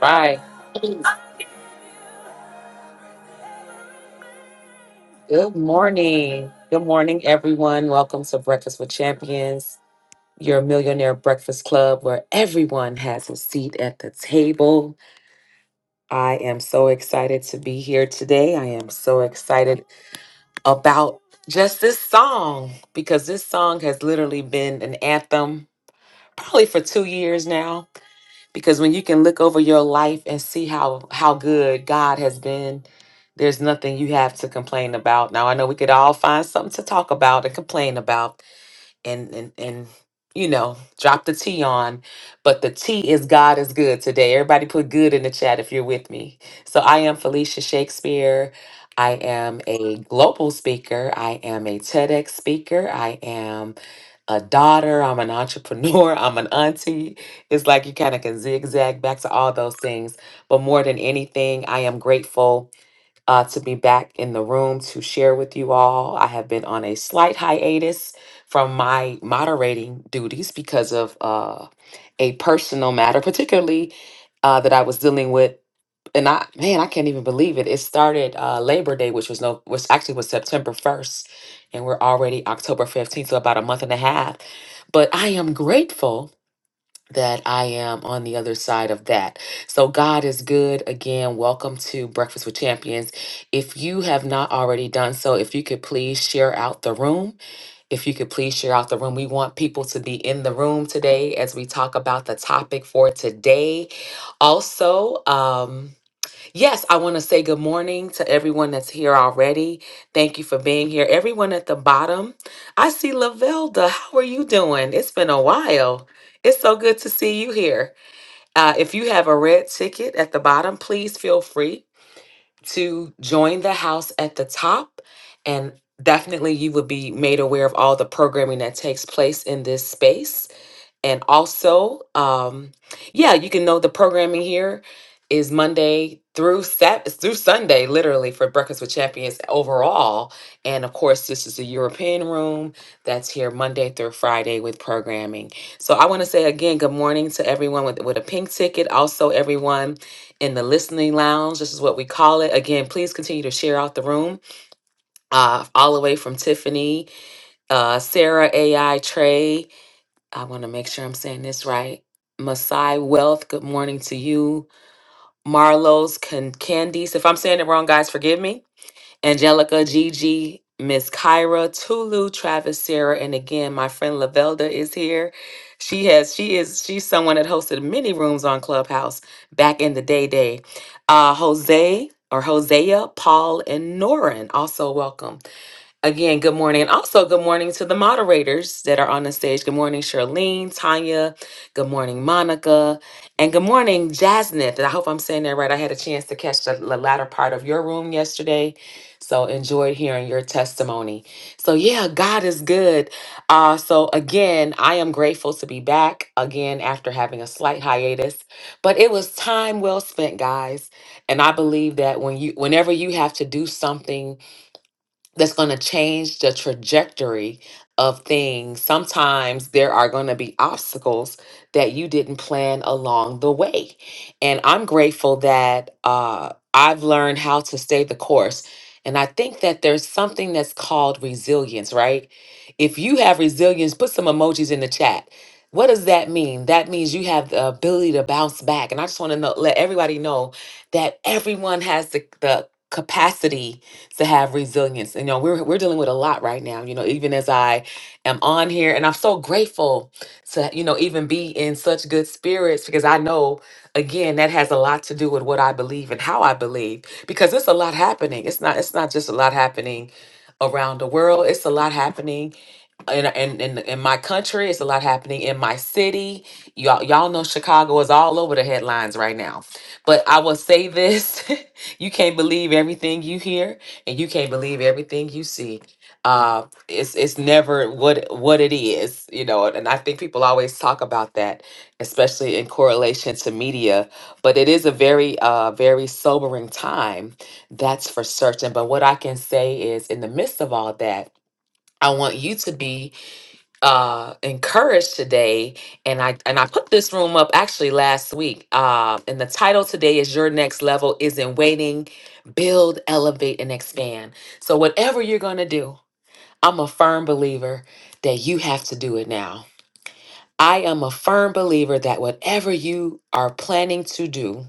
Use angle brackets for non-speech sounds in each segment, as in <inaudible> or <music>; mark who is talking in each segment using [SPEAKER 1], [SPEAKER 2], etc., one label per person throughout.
[SPEAKER 1] Bye. Good morning. Good morning, everyone. Welcome to Breakfast with Champions, your millionaire breakfast club where everyone has a seat at the table. I am so excited to be here today. I am so excited about just this song because this song has literally been an anthem probably for two years now. because when you can look over your life and see how how good God has been, there's nothing you have to complain about. Now I know we could all find something to talk about and complain about, and and and you know drop the T on but the T is God is good today everybody put good in the chat if you're with me so I am Felicia Shakespeare I am a global speaker I am a TEDx speaker I am a daughter, I'm an entrepreneur, <laughs> I'm an auntie. It's like you kind of can zigzag back to all those things. But more than anything, I am grateful uh, to be back in the room to share with you all. I have been on a slight hiatus from my moderating duties because of uh, a personal matter, particularly uh, that I was dealing with. And I, man, I can't even believe it. It started uh, Labor Day, which was no, which actually was September first, and we're already October fifteenth, so about a month and a half. But I am grateful that I am on the other side of that. So God is good. Again, welcome to Breakfast with Champions. If you have not already done so, if you could please share out the room. If you could please share out the room. We want people to be in the room today as we talk about the topic for today. Also, um Yes, I want to say good morning to everyone that's here already. Thank you for being here. Everyone at the bottom, I see Lavelda. How are you doing? It's been a while. It's so good to see you here. Uh, if you have a red ticket at the bottom, please feel free to join the house at the top. And definitely, you will be made aware of all the programming that takes place in this space and also um yeah you can know the programming here is monday through sat it's through sunday literally for breakfast with champions overall and of course this is the european room that's here monday through friday with programming so i want to say again good morning to everyone with, with a pink ticket also everyone in the listening lounge this is what we call it again please continue to share out the room uh, all the way from tiffany uh, sarah ai trey I want to make sure I'm saying this right. Masai Wealth, good morning to you. Marlowe's Can- Candice, if I'm saying it wrong, guys, forgive me. Angelica, Gigi, Miss Kyra, Tulu, Travis, Sarah, and again, my friend Lavelda is here. She has, she is, she's someone that hosted many rooms on Clubhouse back in the day day. Uh, Jose or Hosea, Paul, and Norin, also welcome. Again, good morning. And also, good morning to the moderators that are on the stage. Good morning, Charlene, Tanya. Good morning, Monica. And good morning, Jasmine. I hope I'm saying that right. I had a chance to catch the the latter part of your room yesterday. So, enjoyed hearing your testimony. So, yeah, God is good. Uh, so, again, I am grateful to be back again after having a slight hiatus. But it was time well spent, guys. And I believe that when you, whenever you have to do something, that's going to change the trajectory of things. Sometimes there are going to be obstacles that you didn't plan along the way. And I'm grateful that uh, I've learned how to stay the course. And I think that there's something that's called resilience, right? If you have resilience, put some emojis in the chat. What does that mean? That means you have the ability to bounce back. And I just want to know, let everybody know that everyone has the, the capacity to have resilience. And, You know, we're we're dealing with a lot right now. You know, even as I am on here, and I'm so grateful to you know even be in such good spirits because I know again that has a lot to do with what I believe and how I believe because it's a lot happening. It's not it's not just a lot happening around the world. It's a lot happening in, in in in my country. It's a lot happening in my city. Y'all y'all know Chicago is all over the headlines right now. But I will say this: <laughs> you can't believe everything you hear and you can't believe everything you see. Uh, it's it's never what what it is, you know. And I think people always talk about that, especially in correlation to media. But it is a very uh very sobering time, that's for certain. But what I can say is, in the midst of all that, I want you to be uh encouraged today and i and i put this room up actually last week uh and the title today is your next level isn't waiting build elevate and expand so whatever you're gonna do i'm a firm believer that you have to do it now I am a firm believer that whatever you are planning to do,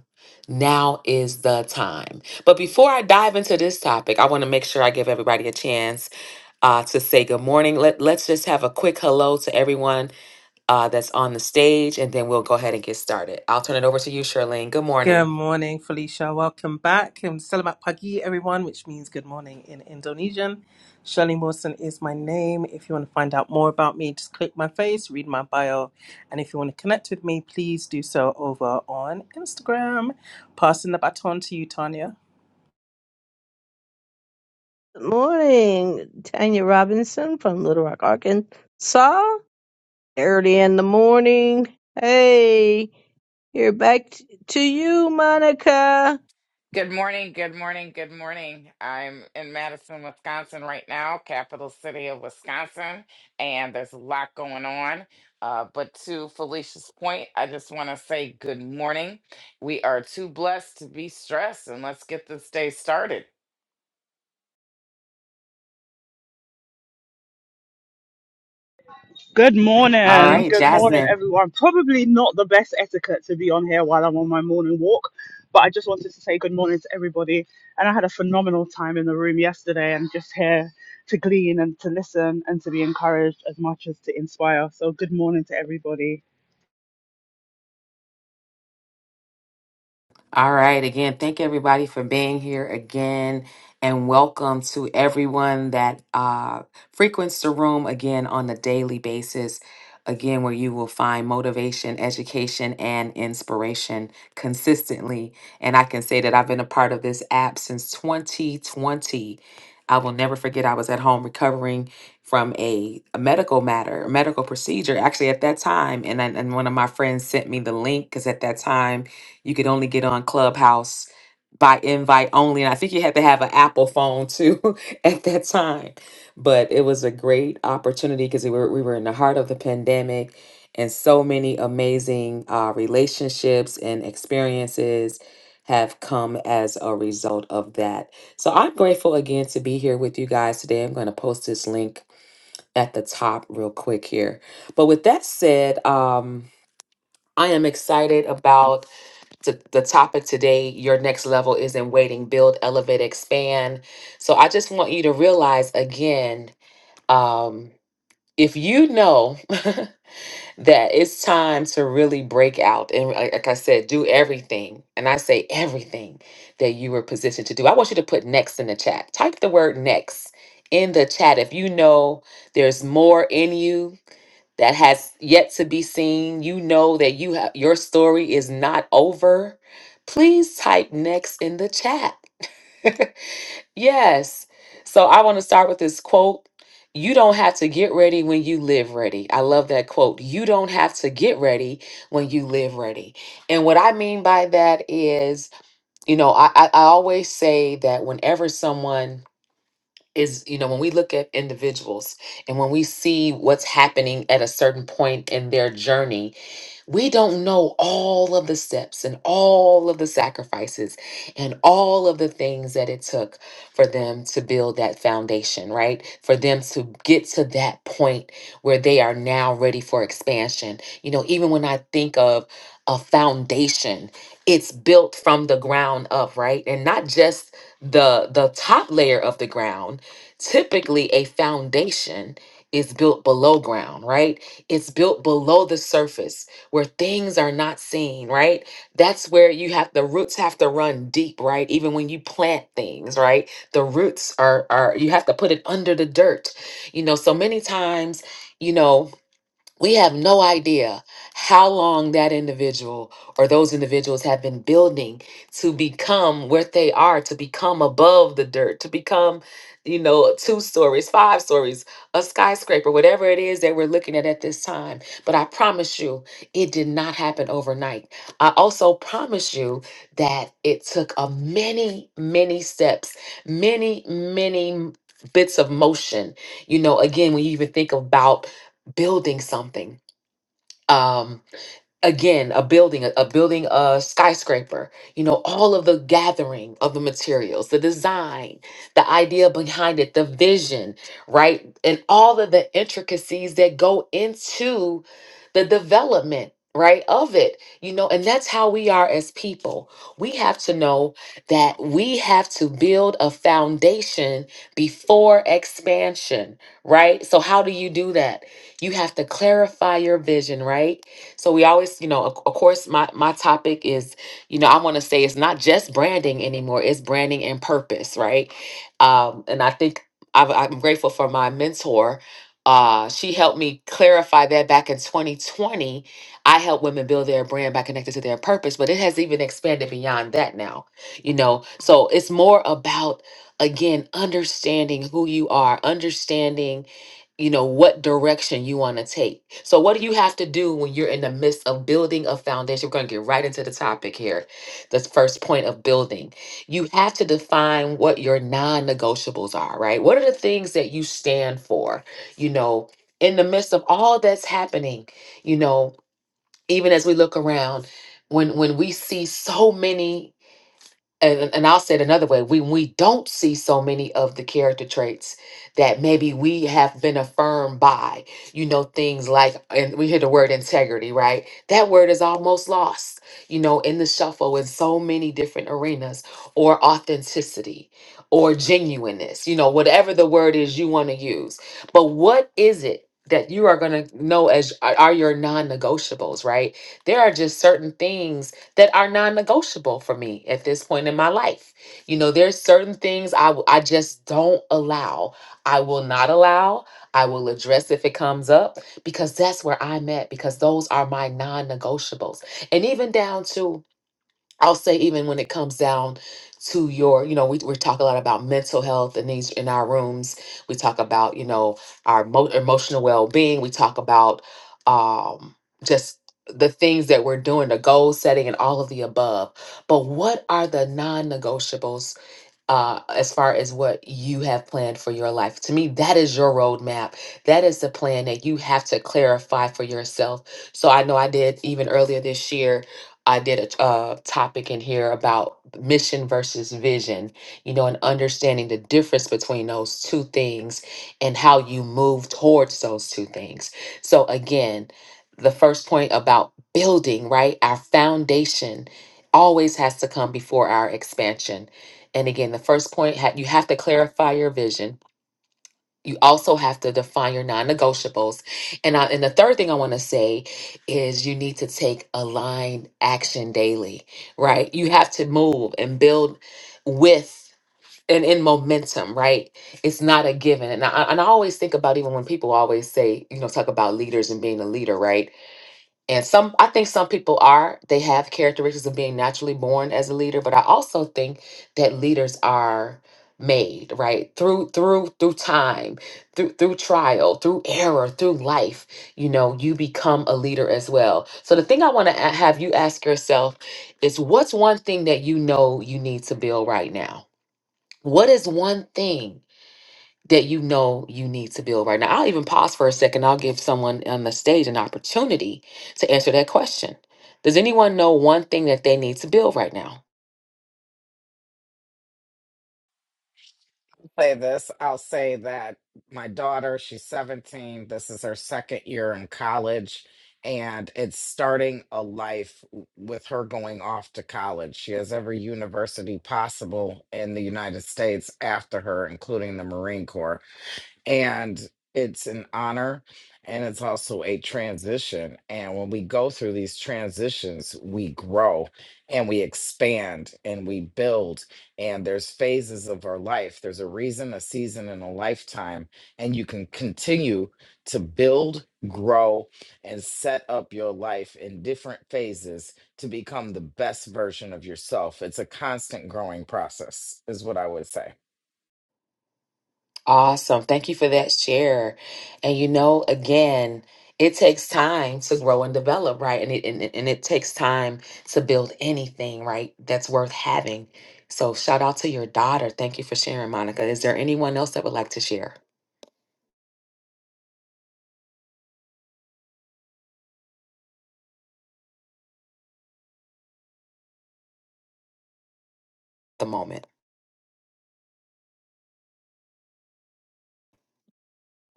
[SPEAKER 1] now is the time. But before I dive into this topic, I want to make sure I give everybody a chance uh, to say good morning. Let, let's just have a quick hello to everyone uh, that's on the stage, and then we'll go ahead and get started. I'll turn it over to you, Charlene. Good
[SPEAKER 2] Good
[SPEAKER 1] morning.
[SPEAKER 2] morning, Felicia. Welcome back. I'm Selamat Pagi, everyone, which means good morning in Indonesian. Shirley Mawson is my name. If you want to find out more about me, just click my face, read my bio. And if you want to connect with me, please do so over on Instagram. Passing the baton to you, Tanya.
[SPEAKER 3] Good morning, Tanya Robinson from Little Rock, Arkansas. Early in the morning. Hey, you're back t- to you, Monica.
[SPEAKER 4] Good morning, good morning, good morning. I'm in Madison, Wisconsin right now, capital city of Wisconsin, and there's a lot going on. Uh, but to Felicia's point, I just want to say good morning. We are too blessed to be stressed, and let's get this day started.
[SPEAKER 5] Good
[SPEAKER 1] All
[SPEAKER 5] morning.
[SPEAKER 1] right,
[SPEAKER 5] Good morning,
[SPEAKER 1] Jasmine.
[SPEAKER 5] everyone. Probably not the best etiquette to be on here while I'm on my morning walk, but I just wanted to say good morning to everybody. And I had a phenomenal time in the room yesterday and just here to glean and to listen and to be encouraged as much as to inspire. So, good morning to everybody.
[SPEAKER 1] All right. Again, thank everybody for being here again. And welcome to everyone that uh, frequents the room again on a daily basis. Again, where you will find motivation, education, and inspiration consistently. And I can say that I've been a part of this app since 2020. I will never forget I was at home recovering from a, a medical matter, a medical procedure, actually at that time. And, I, and one of my friends sent me the link because at that time, you could only get on Clubhouse by invite only. And I think you had to have an Apple phone too <laughs> at that time. But it was a great opportunity because we were, we were in the heart of the pandemic and so many amazing uh, relationships and experiences have come as a result of that. So I'm grateful again to be here with you guys today. I'm going to post this link at the top real quick here. But with that said, um, I am excited about to the topic today your next level is in waiting build elevate expand so i just want you to realize again um if you know <laughs> that it's time to really break out and like like i said do everything and i say everything that you were positioned to do i want you to put next in the chat type the word next in the chat if you know there's more in you that has yet to be seen, you know that you have your story is not over, please type next in the chat. <laughs> yes. So I want to start with this quote. You don't have to get ready when you live ready. I love that quote. You don't have to get ready when you live ready. And what I mean by that is, you know, I, I I always say that whenever someone is you know when we look at individuals and when we see what's happening at a certain point in their journey we don't know all of the steps and all of the sacrifices and all of the things that it took for them to build that foundation, right? For them to get to that point where they are now ready for expansion. You know, even when I think of a foundation, it's built from the ground up, right? And not just the the top layer of the ground. Typically a foundation is built below ground, right? It's built below the surface where things are not seen, right? That's where you have the roots have to run deep, right? Even when you plant things, right? The roots are are you have to put it under the dirt. You know, so many times, you know, we have no idea how long that individual or those individuals have been building to become what they are, to become above the dirt, to become, you know, two stories, five stories, a skyscraper, whatever it is that we're looking at at this time. But I promise you, it did not happen overnight. I also promise you that it took a many, many steps, many, many bits of motion. You know, again, when you even think about building something. Um, again a building a, a building a skyscraper you know all of the gathering of the materials the design the idea behind it the vision right and all of the intricacies that go into the development right of it you know and that's how we are as people we have to know that we have to build a foundation before expansion right so how do you do that you have to clarify your vision right so we always, you know, of, of course, my my topic is, you know, I want to say it's not just branding anymore; it's branding and purpose, right? Um, and I think I've, I'm grateful for my mentor. Uh, she helped me clarify that back in 2020. I help women build their brand by connected to their purpose, but it has even expanded beyond that now. You know, so it's more about again understanding who you are, understanding you know what direction you want to take so what do you have to do when you're in the midst of building a foundation we're going to get right into the topic here this first point of building you have to define what your non-negotiables are right what are the things that you stand for you know in the midst of all that's happening you know even as we look around when when we see so many and, and I'll say it another way when we don't see so many of the character traits that maybe we have been affirmed by, you know, things like, and we hear the word integrity, right? That word is almost lost, you know, in the shuffle in so many different arenas, or authenticity, or genuineness, you know, whatever the word is you want to use. But what is it? That you are going to know as are are your non negotiables, right? There are just certain things that are non-negotiable for me at this point in my life. You know, there's certain things I w- I just don't allow. I will not allow. I will address if it comes up because that's where I'm at because those are my non-negotiables. And even down to I'll say even when it comes down to your, you know, we, we talk a lot about mental health in these in our rooms. We talk about, you know, our mo- emotional well-being. We talk about um, just the things that we're doing, the goal setting and all of the above. But what are the non-negotiables uh, as far as what you have planned for your life. To me, that is your roadmap. That is the plan that you have to clarify for yourself. So I know I did even earlier this year. I did a t- uh, topic in here about mission versus vision, you know, and understanding the difference between those two things and how you move towards those two things. So, again, the first point about building, right? Our foundation always has to come before our expansion and again, the first point ha- you have to clarify your vision. You also have to define your non-negotiables. And I, and the third thing I want to say is you need to take aligned action daily, right? You have to move and build with and in momentum, right? It's not a given. And I, and I always think about even when people always say, you know, talk about leaders and being a leader, right? and some i think some people are they have characteristics of being naturally born as a leader but i also think that leaders are made right through through through time through through trial through error through life you know you become a leader as well so the thing i want to have you ask yourself is what's one thing that you know you need to build right now what is one thing that you know you need to build right now? I'll even pause for a second. I'll give someone on the stage an opportunity to answer that question. Does anyone know one thing that they need to build right now?
[SPEAKER 4] say this. I'll say that my daughter, she's 17. This is her second year in college, and it's starting a life w- with her going off to college. She has every university possible in the United States after her, including the Marine Corps and it's an honor and it's also a transition and when we go through these transitions we grow and we expand and we build and there's phases of our life there's a reason a season and a lifetime and you can continue to build grow and set up your life in different phases to become the best version of yourself it's a constant growing process is what i would say
[SPEAKER 1] Awesome. Thank you for that share. And you know, again, it takes time to grow and develop, right? And it, and, it- and it takes time to build anything, right? That's worth having. So shout out to your daughter. Thank you for sharing, Monica. Is there anyone else that would like to share? The moment.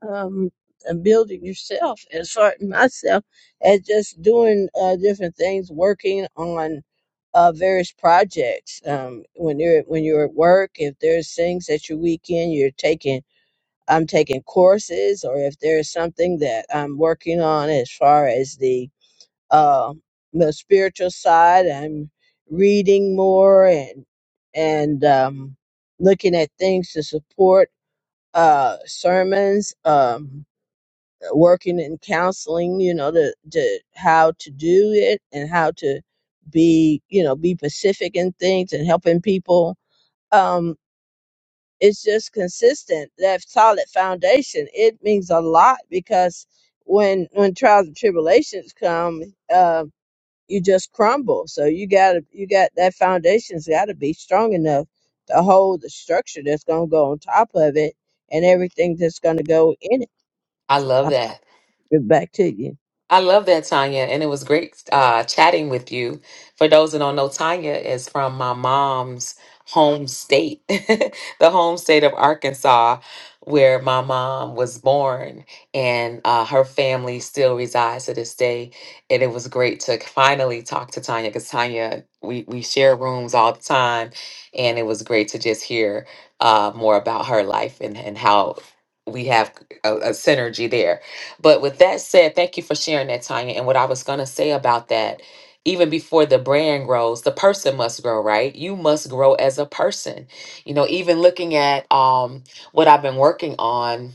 [SPEAKER 3] Um, and building yourself as far myself as just doing uh, different things, working on uh, various projects. Um, when you're when you're at work, if there's things at your weekend you're taking, I'm taking courses, or if there's something that I'm working on as far as the uh, the spiritual side. I'm reading more and and um, looking at things to support uh, sermons. Um, working in counseling, you know, to to how to do it and how to be, you know, be pacific in things and helping people. Um, it's just consistent. That solid foundation it means a lot because when when trials and tribulations come. Um, you just crumble. So you got to you got that foundation's got to be strong enough to hold the structure that's going to go on top of it and everything that's going to go in it.
[SPEAKER 1] I love
[SPEAKER 3] I'll
[SPEAKER 1] that.
[SPEAKER 3] give it back to you.
[SPEAKER 1] I love that, Tanya, and it was great uh, chatting with you. For those that don't know, Tanya is from my mom's home state, <laughs> the home state of Arkansas, where my mom was born, and uh, her family still resides to this day. And it was great to finally talk to Tanya because Tanya, we, we share rooms all the time, and it was great to just hear uh, more about her life and, and how we have a, a synergy there. But with that said, thank you for sharing that, Tanya. And what I was going to say about that, even before the brand grows, the person must grow, right? You must grow as a person. You know, even looking at um, what I've been working on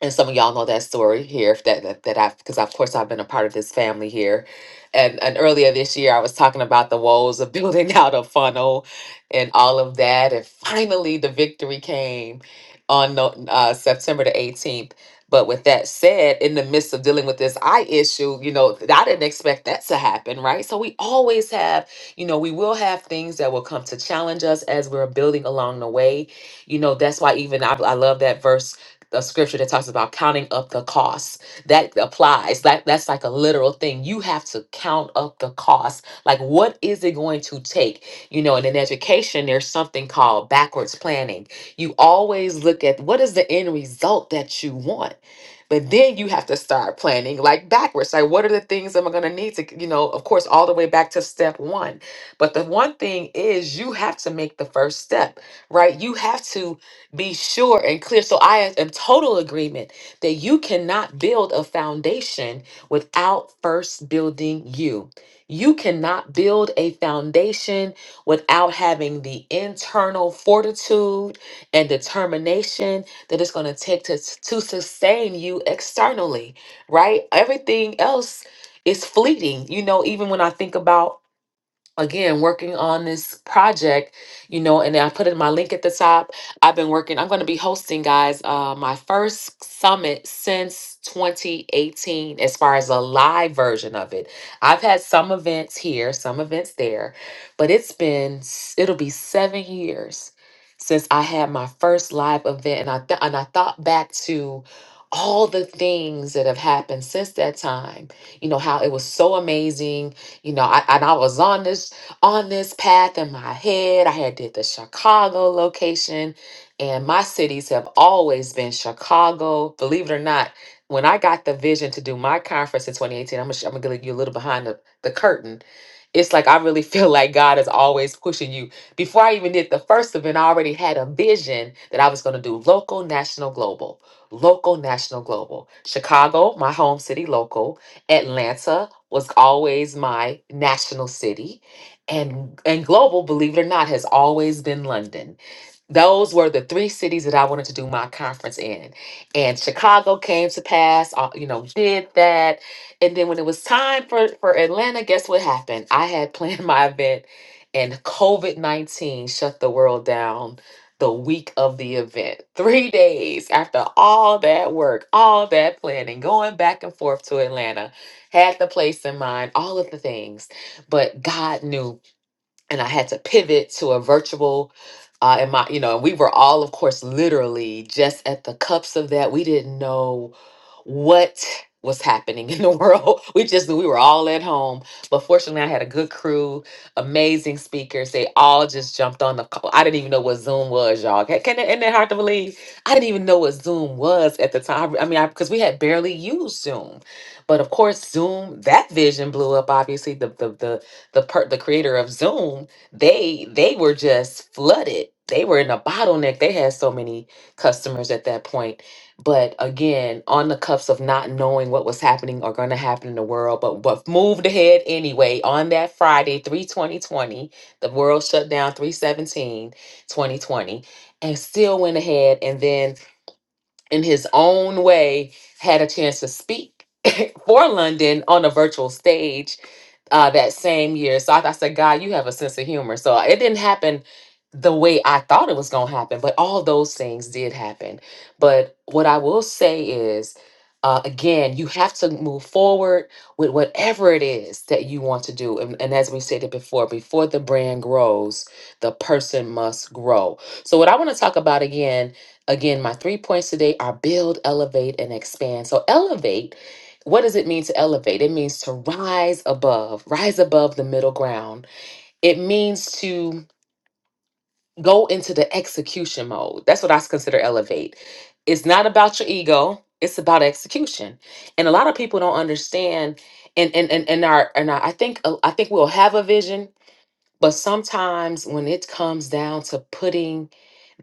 [SPEAKER 1] and some of y'all know that story here if that that, that I've because of course I've been a part of this family here and and earlier this year I was talking about the woes of building <laughs> out a funnel and all of that and finally the victory came on no- uh, September the 18th but with that said in the midst of dealing with this eye issue you know th- I didn't expect that to happen right so we always have you know we will have things that will come to challenge us as we're building along the way you know that's why even I, I love that verse a scripture that talks about counting up the costs. That applies. That that's like a literal thing. You have to count up the cost. Like what is it going to take? You know, and in education, there's something called backwards planning. You always look at what is the end result that you want. But then you have to start planning like backwards. Like, what are the things am I going to need to, you know, of course, all the way back to step one. But the one thing is, you have to make the first step, right? You have to be sure and clear. So I am total agreement that you cannot build a foundation without first building you. You cannot build a foundation without having the internal fortitude and determination that it's going to take to, to sustain you externally, right? Everything else is fleeting. You know, even when I think about again working on this project you know and i put in my link at the top i've been working i'm going to be hosting guys uh my first summit since 2018 as far as a live version of it i've had some events here some events there but it's been s- it'll be seven years since i had my first live event and i th- and i thought back to all the things that have happened since that time you know how it was so amazing you know, I and I was on this on this path in my head. I had did the Chicago location, and my cities have always been Chicago. Believe it or not, when I got the vision to do my conference in 2018, I'm gonna, sh- I'm gonna get you a little behind the, the curtain. It's like I really <laughs> feel like God is always pushing you. Before I even did the first event, I already had a vision that I was gonna do local, national, global. Local, national, global. Chicago, my home city, local. Atlanta was always my national city and and global believe it or not has always been london those were the three cities that i wanted to do my conference in and chicago came to pass uh, you know did that and then when it was time for for atlanta guess what happened i had planned <laughs> my event and covid-19 shut the world down the week of the event three days after all that work all that planning going back and forth to atlanta had the place in mind all of the things but God knew and I had to pivot to a virtual. Uh, and my, you know, we were all, of course, literally just at the cups of that. We didn't know what was happening <laughs> in the world. <laughs> We just knew we were all at home. But fortunately, I had a good crew, amazing speakers. They all just jumped on the call. I didn't even know what Zoom was, y'all. Can, can isn't that hard to believe? I didn't even know what Zoom was at the time. I mean, because we had barely used Zoom. But of course, Zoom, that vision blew up, obviously, the the the the per the creator of Zoom, they they were just flooded. They were in a bottleneck. They had so many customers at that point. But again, on the cuffs of not knowing what was happening or going to happen in the world, but what moved ahead anyway on that Friday, 3 2020, the world shut down 3 17, 2020, and still went ahead. And then in his own way, had a chance to speak <laughs> for London on a virtual stage uh, that same year. So I, I said, God, you have a sense of humor. So uh, it didn't happen the way I thought it was going to happen, but all those things did happen. But what I will say is, uh, again, you have to move forward with whatever it is that you want to do. And, and as we stated before, before the brand grows, the person must grow. So, what I want to talk about again Again, my three points today are build, elevate, and expand. So, elevate, what does it mean to elevate? It means to rise above, rise above the middle ground. It means to go into the execution mode. That's what I consider elevate. It's not about your ego, it's about execution. And a lot of people don't understand and and and, and our and our, I think I think we'll have a vision but sometimes when it comes down to putting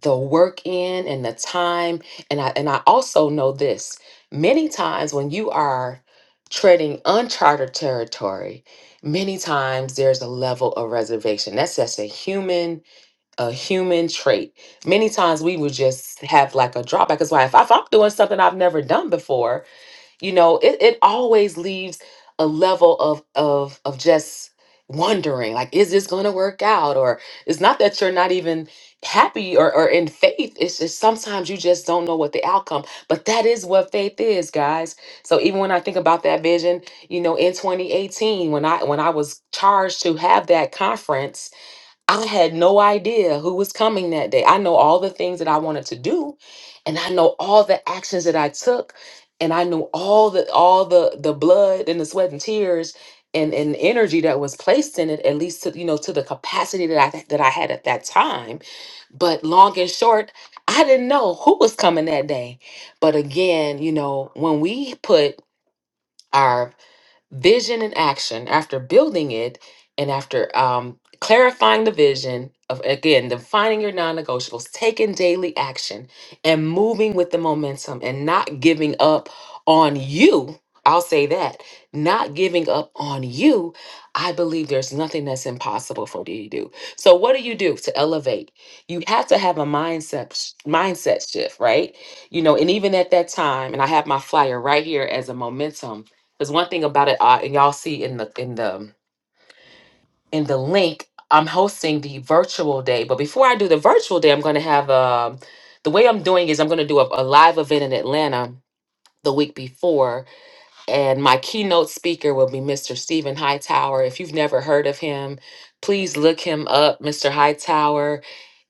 [SPEAKER 1] the work in and the time, and I and I also know this, many times when you are treading uncharted territory, many times there's a level of reservation. That's just a human, a human trait. Many times we would just have like a drawback. That's why if, I- if I'm doing something I've never done before, you know it, it always leaves a level of of of just wondering like is this going to work out or it's not that you're not even happy or, or in faith it's just sometimes you just don't know what the outcome but that is what faith is guys so even when i think about that vision you know in 2018 when i when i was charged to have that conference I had no idea who was coming that day. I know all the things that I wanted to do, and I know all the actions that I took, and I knew all the all the the blood and the sweat and tears and and energy that was placed in it, at least to you know to the capacity that I that I had at that time. But long and short, I didn't know who was coming that day. But again, you know, when we put our vision and action after building it and after um, clarifying the vision of again defining your non-negotiables taking daily action and moving with the momentum and not giving up on you i'll say that not giving up on you i believe there's nothing that's impossible for you to do so what do you do to elevate you have to have a mindset mindset shift right you know and even at that time and i have my flyer right here as a momentum because one thing about it, I, and y'all see in the in the in the link, I'm hosting the virtual day. But before I do the virtual day, I'm going to have um the way I'm doing is I'm going to do a, a live event in Atlanta the week before, and my keynote speaker will be Mr. Stephen Hightower. If you've never heard of him, please look him up, Mr. Hightower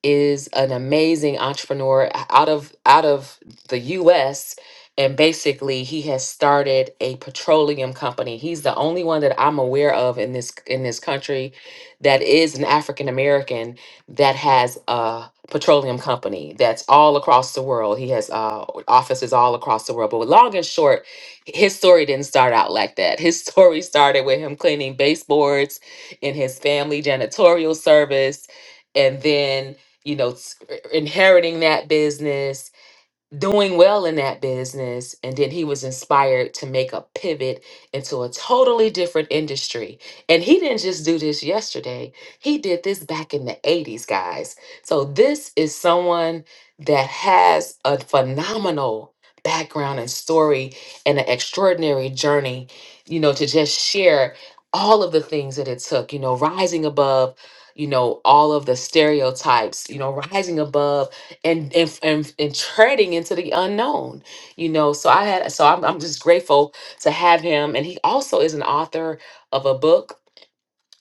[SPEAKER 1] is an amazing entrepreneur out of out of the US and basically he has started a petroleum company. He's the only one that I'm aware of in this in this country that is an African American that has a petroleum company that's all across the world. He has uh, offices all across the world. But long and short, his story didn't start out like that. His <laughs> story started with him cleaning baseboards in his family janitorial service and then you know, s- inheriting that business doing well in that business and then he was inspired to make a pivot into a totally different industry and he didn't just do this yesterday he did this back in the 80s guys so this is someone that has a phenomenal background and story and an extraordinary journey you know to just share all of the things that it took you know rising above you know all of the stereotypes you know rising above and and and, and treading into the unknown you know so i had so I'm, I'm just grateful to have him and he also is an author of a book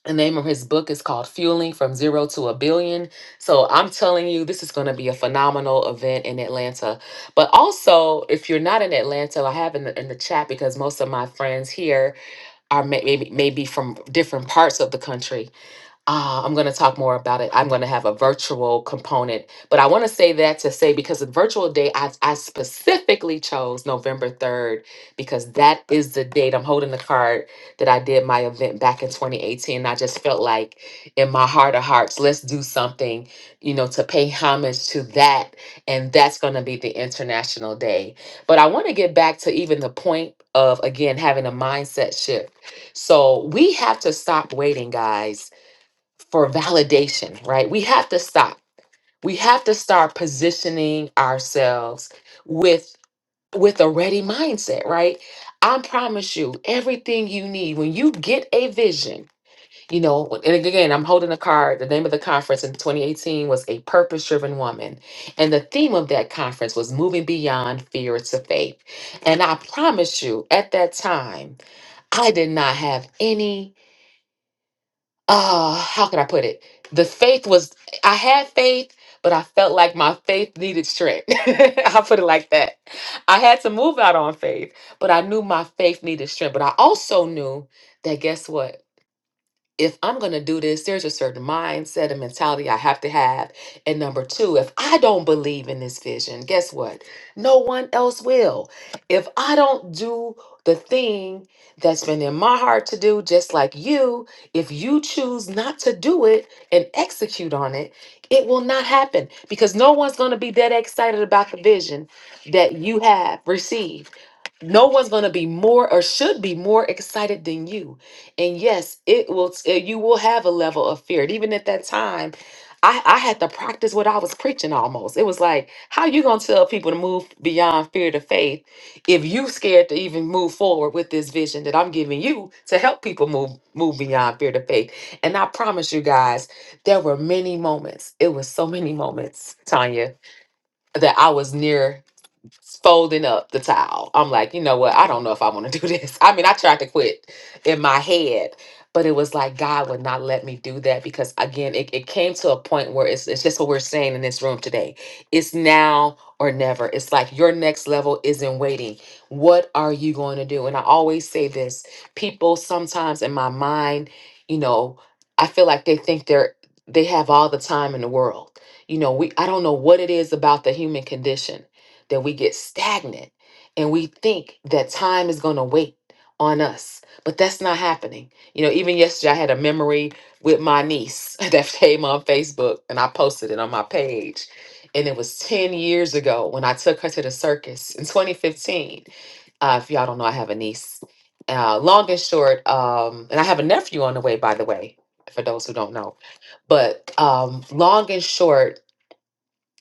[SPEAKER 1] the name of his book is called fueling from zero to a billion so i'm telling you this is going to be a phenomenal event in atlanta but also if you're not in atlanta i have in the, in the chat because most of my friends here are may, maybe maybe from different parts of the country uh, I'm going to talk more about it. I'm going to have a virtual component, but I want to say that to say because the virtual day, I, I specifically chose November 3rd because that is the date. I'm holding the card that I did my event back in 2018. I just felt like in my heart of hearts, let's do something, you know, to pay homage to that. And that's going to be the International Day. But I want to get back to even the point of, again, having a mindset shift. So we have to stop waiting, guys for validation, right? We have to stop. We have to start positioning ourselves with with a ready mindset, right? I promise you everything you need when you get a vision. You know, and again, I'm holding a card. The name of the conference in 2018 was A Purpose Driven Woman. And the theme of that conference was Moving Beyond Fear to Faith. And I promise you, at that time, I did not have any uh how can i put it the faith was i had faith but i felt like my faith needed strength <laughs> i'll put it like that i had to move out on faith but i knew my faith needed strength but i also knew that guess what if I'm going to do this, there's a certain mindset and mentality I have to have. And number two, if I don't believe in this vision, guess what? No one else will. If I don't do the thing that's been in my heart to do, just like you, if you choose not to do it and execute on it, it will not happen because no one's going to be that excited about the vision that you have received no one's going to be more or should be more excited than you and yes it will uh, you will have a level of fear and even at that time I, I had to practice what i was preaching almost it was like how you going to tell people to move beyond fear to faith if you scared to even move forward with this vision that i'm giving you to help people move move beyond fear to faith and i promise you guys there were many moments it was so many moments tanya that i was near folding up the towel. I'm like, you know what? I don't know if I want to <laughs> do this. I mean, I tried to quit in my head, but it was like God would not let me do that because again, it, it came to a point where it's it's just what we're saying in this room today. It's now or never. It's like your next level isn't waiting. What are you going to do? And I always say this, people sometimes in my mind, you know, I feel like they think they're they have all the time in the world. You know, we I don't know what it is about the human condition that we get stagnant and we think that time is going to wait on us but that's not happening you know even yesterday i had a memory with my niece <laughs> that came on facebook and i posted it on my page and it was 10 years ago when i took her to the circus in 2015 uh, if y'all don't know, I have a niece. Uh, long and short, um, and I have a nephew on the way, by the way, for those who don't know. But um, long and short,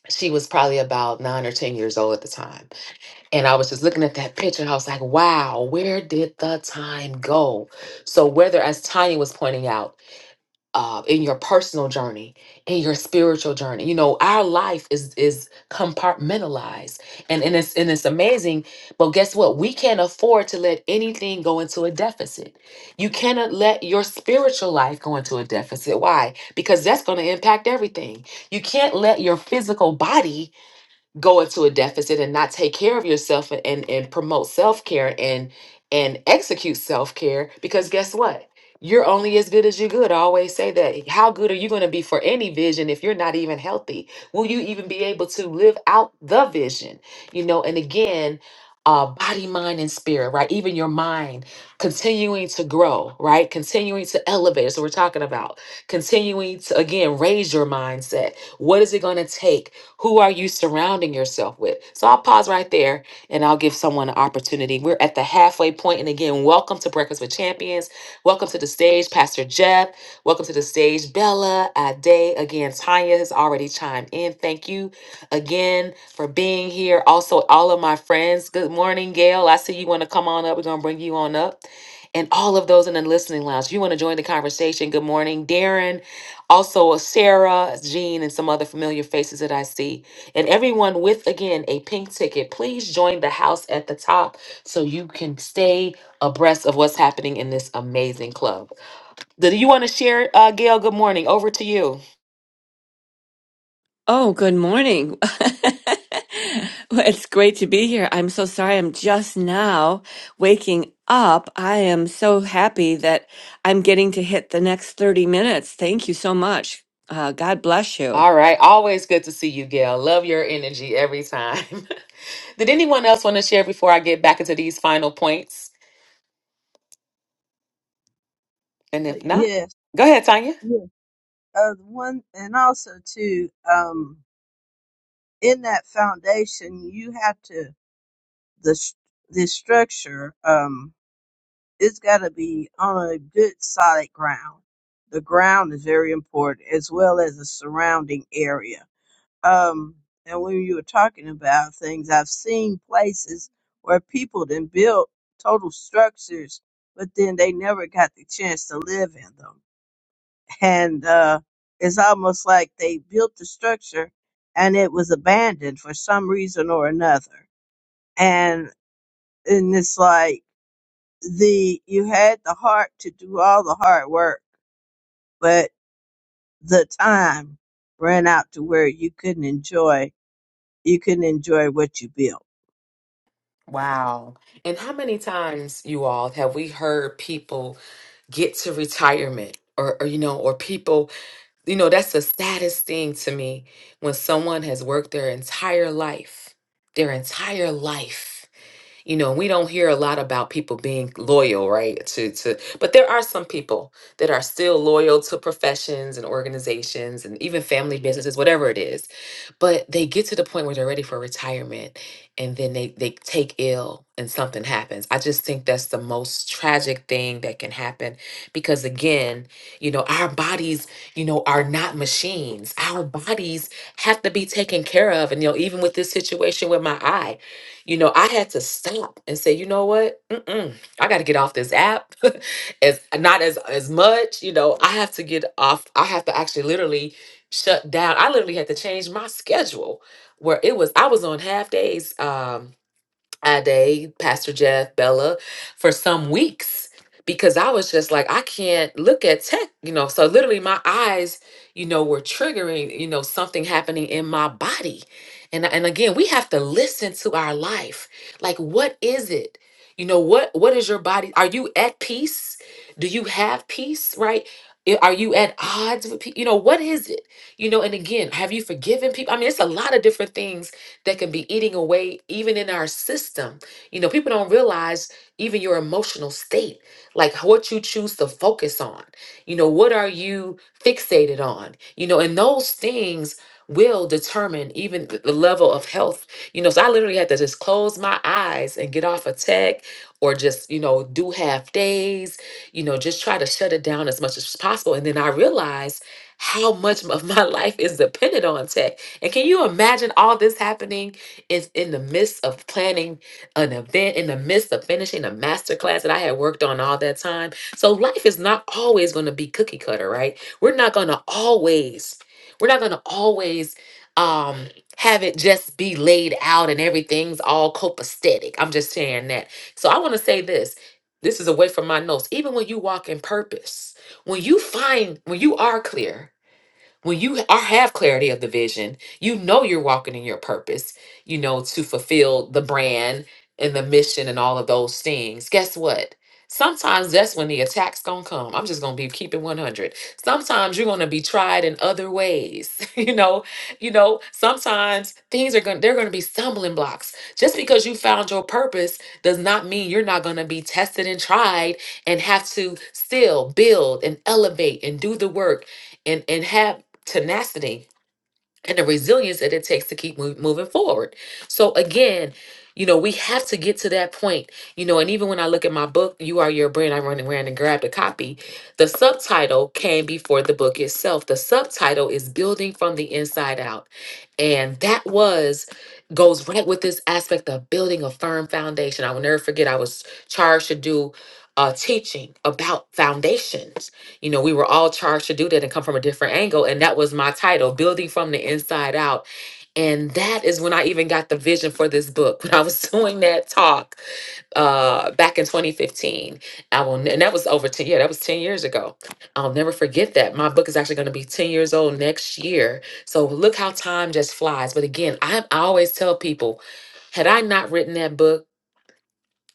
[SPEAKER 1] she was probably about nine or 10 years old at the time. And I was just looking at that picture. I was like, wow, where did the time go? So, whether as Tanya was pointing out, uh, in your personal journey, in your spiritual journey, you know, our life is is compartmentalized, and and it's and it's amazing. But guess what? We can't afford to let anything go into a deficit. You cannot let your spiritual life go into a deficit. Why? Because that's going to impact everything. You can't let your physical body go into a deficit and not take care of yourself and and, and promote self-care and and execute self-care because guess what you're only as good as you're good. I always say that. How good are you going to be for any vision if you're not even healthy? Will you even be able to live out the vision? You know, and again, uh, body, mind, and spirit, right? Even your mind continuing to grow, right? Continuing to elevate. So we're talking about. Continuing to, again, raise your mindset. What is it going to take? Who are you surrounding yourself with? So I'll pause right there and I'll give someone an opportunity. We're at the halfway point, And again, welcome to Breakfast with Champions. Welcome to the stage, Pastor Jeff. Welcome to the stage, Bella, Ade. Again, Tanya has already chimed in. Thank you again for being here. Also, all of my friends, good morning, Gail. I see you want to come on up. We're going to bring you on up and all of those in the listening lounge. You want to join the conversation? Good morning, Darren. Also, Sarah, Jean, and some other familiar faces that I see. And everyone with, again, a pink ticket, please join the house at the top so you can stay abreast of what's happening in this amazing club. Do you want to share, uh, Gail? Good morning. Over to you.
[SPEAKER 6] Oh, good morning. <laughs> Well, it's great to be here. I'm so sorry. I'm just now waking up. I am so happy that I'm getting to hit the next 30 minutes. Thank you so much. Uh, God bless you.
[SPEAKER 1] All right. Always good to see you, Gail. Love your energy every time. <laughs> Did anyone else want to share before I get back into these final points? And
[SPEAKER 3] Uh,
[SPEAKER 1] if not,
[SPEAKER 3] yes,
[SPEAKER 1] go ahead, Tanya.
[SPEAKER 3] yes. Uh, the one, and also too, um, in that foundation, you have to the s- the structure. Um, it's got to be on a good solid ground. The ground is very important, as well as the surrounding area Um, and when you were talking about things, I've seen places where people then built total structures, but then they never got the chance to live in them. And uh, it's almost like they built the structure and it was abandoned for some reason or another. And and it's like the you had the heart to do all the hard work, but the time ran out to where you couldn't enjoy you couldn't enjoy what you built
[SPEAKER 1] Wow. And how many times, you all, have we heard people get to retirement or, or, you know, or people, you know, that's the saddest thing to me when someone has worked their entire life, their entire life. You know, we don't hear a lot about people being loyal, right? To to but there are some people that are still loyal to professions and organizations and even family businesses, whatever it is. But they get to the point where they're ready for retirement and then they they take ill and something happens. I just think that's the most tragic thing that can happen because again, you know, our bodies, you know, are not machines. Our bodies have to be taken care of. And you know, even with this situation with my eye you know, I had to stop and say, you know what? Mm-mm, I got to get off this app. <laughs> as not as as much, you know. I have to get off. I have to actually literally shut down. I literally had to change my schedule where it was I was on half days. Um, Ade, Pastor Jeff, Bella for some weeks because I was just like, I can't look at tech, you know. So literally my eyes, you know, were triggering, you know, something happening in my body. And and again, we have to listen to our life. Like what is it? You know, what what is your body? Are you at peace? Do you have peace, right? I- Are you at odds with people? You know, what is it? You know, and again, have you forgiven people? I mean, it's a lot of different things that can be eating away even in our system. You know, people don't realize even your emotional state, like what you choose to focus on. You know, what are you fixated on? You know, and those things will determine even th- the level of health. You know, so I literally had to just close my eyes and get off of tech or just, you know, do half days, you know, just try to shut it down as much as possible. And then I realized how much of my <laughs> life is dependent on tech and can you imagine all this happening is in the midst of planning an event, in the midst of finishing a master class that I had worked on all that time? So life is not always going to be cookie cutter, right? We're not going to always, we're not going to always um have it just be laid out and everything's all copacetic. I'm just saying that. So I want to say this. This is away from my notes. Even when you walk in purpose, when you find when you are clear, when you are, have clarity of the vision, you know you're walking in your purpose, you know, to fulfill the brand and the mission and all of those things. Guess what? Sometimes that's when the attack's gonna come. I'm just gonna be keeping 100. Sometimes you're gonna be tried in other ways. <laughs> you know, you know. Sometimes things are gonna they're gonna be stumbling blocks. Just because you found your purpose does not mean you're not gonna be tested and tried and have to still build and elevate and do the work and and have tenacity and the resilience that it takes to keep move, moving forward. So again, you know, we have to get to that point. You know, and even when I look at my book, You Are Your Brand, I run around and grabbed a copy. The subtitle came before the book itself. The subtitle is Building from the Inside Out. And that was goes right with this aspect of building a firm foundation. I will never forget I was charged to do uh teaching about foundations you know, we were all charged to do that and come from a different angle. And that was my title, Building from the Inside Out. And that is when I even got the vision for this book. <laughs> When I was doing that talk uh, back in 2015, I will, ne- and that was over 10, yeah, that was 10 years ago. I'll never forget that. My book is actually going to be 10 years old next year. So look how time just flies. But again, I, I always tell people, had I not written that book,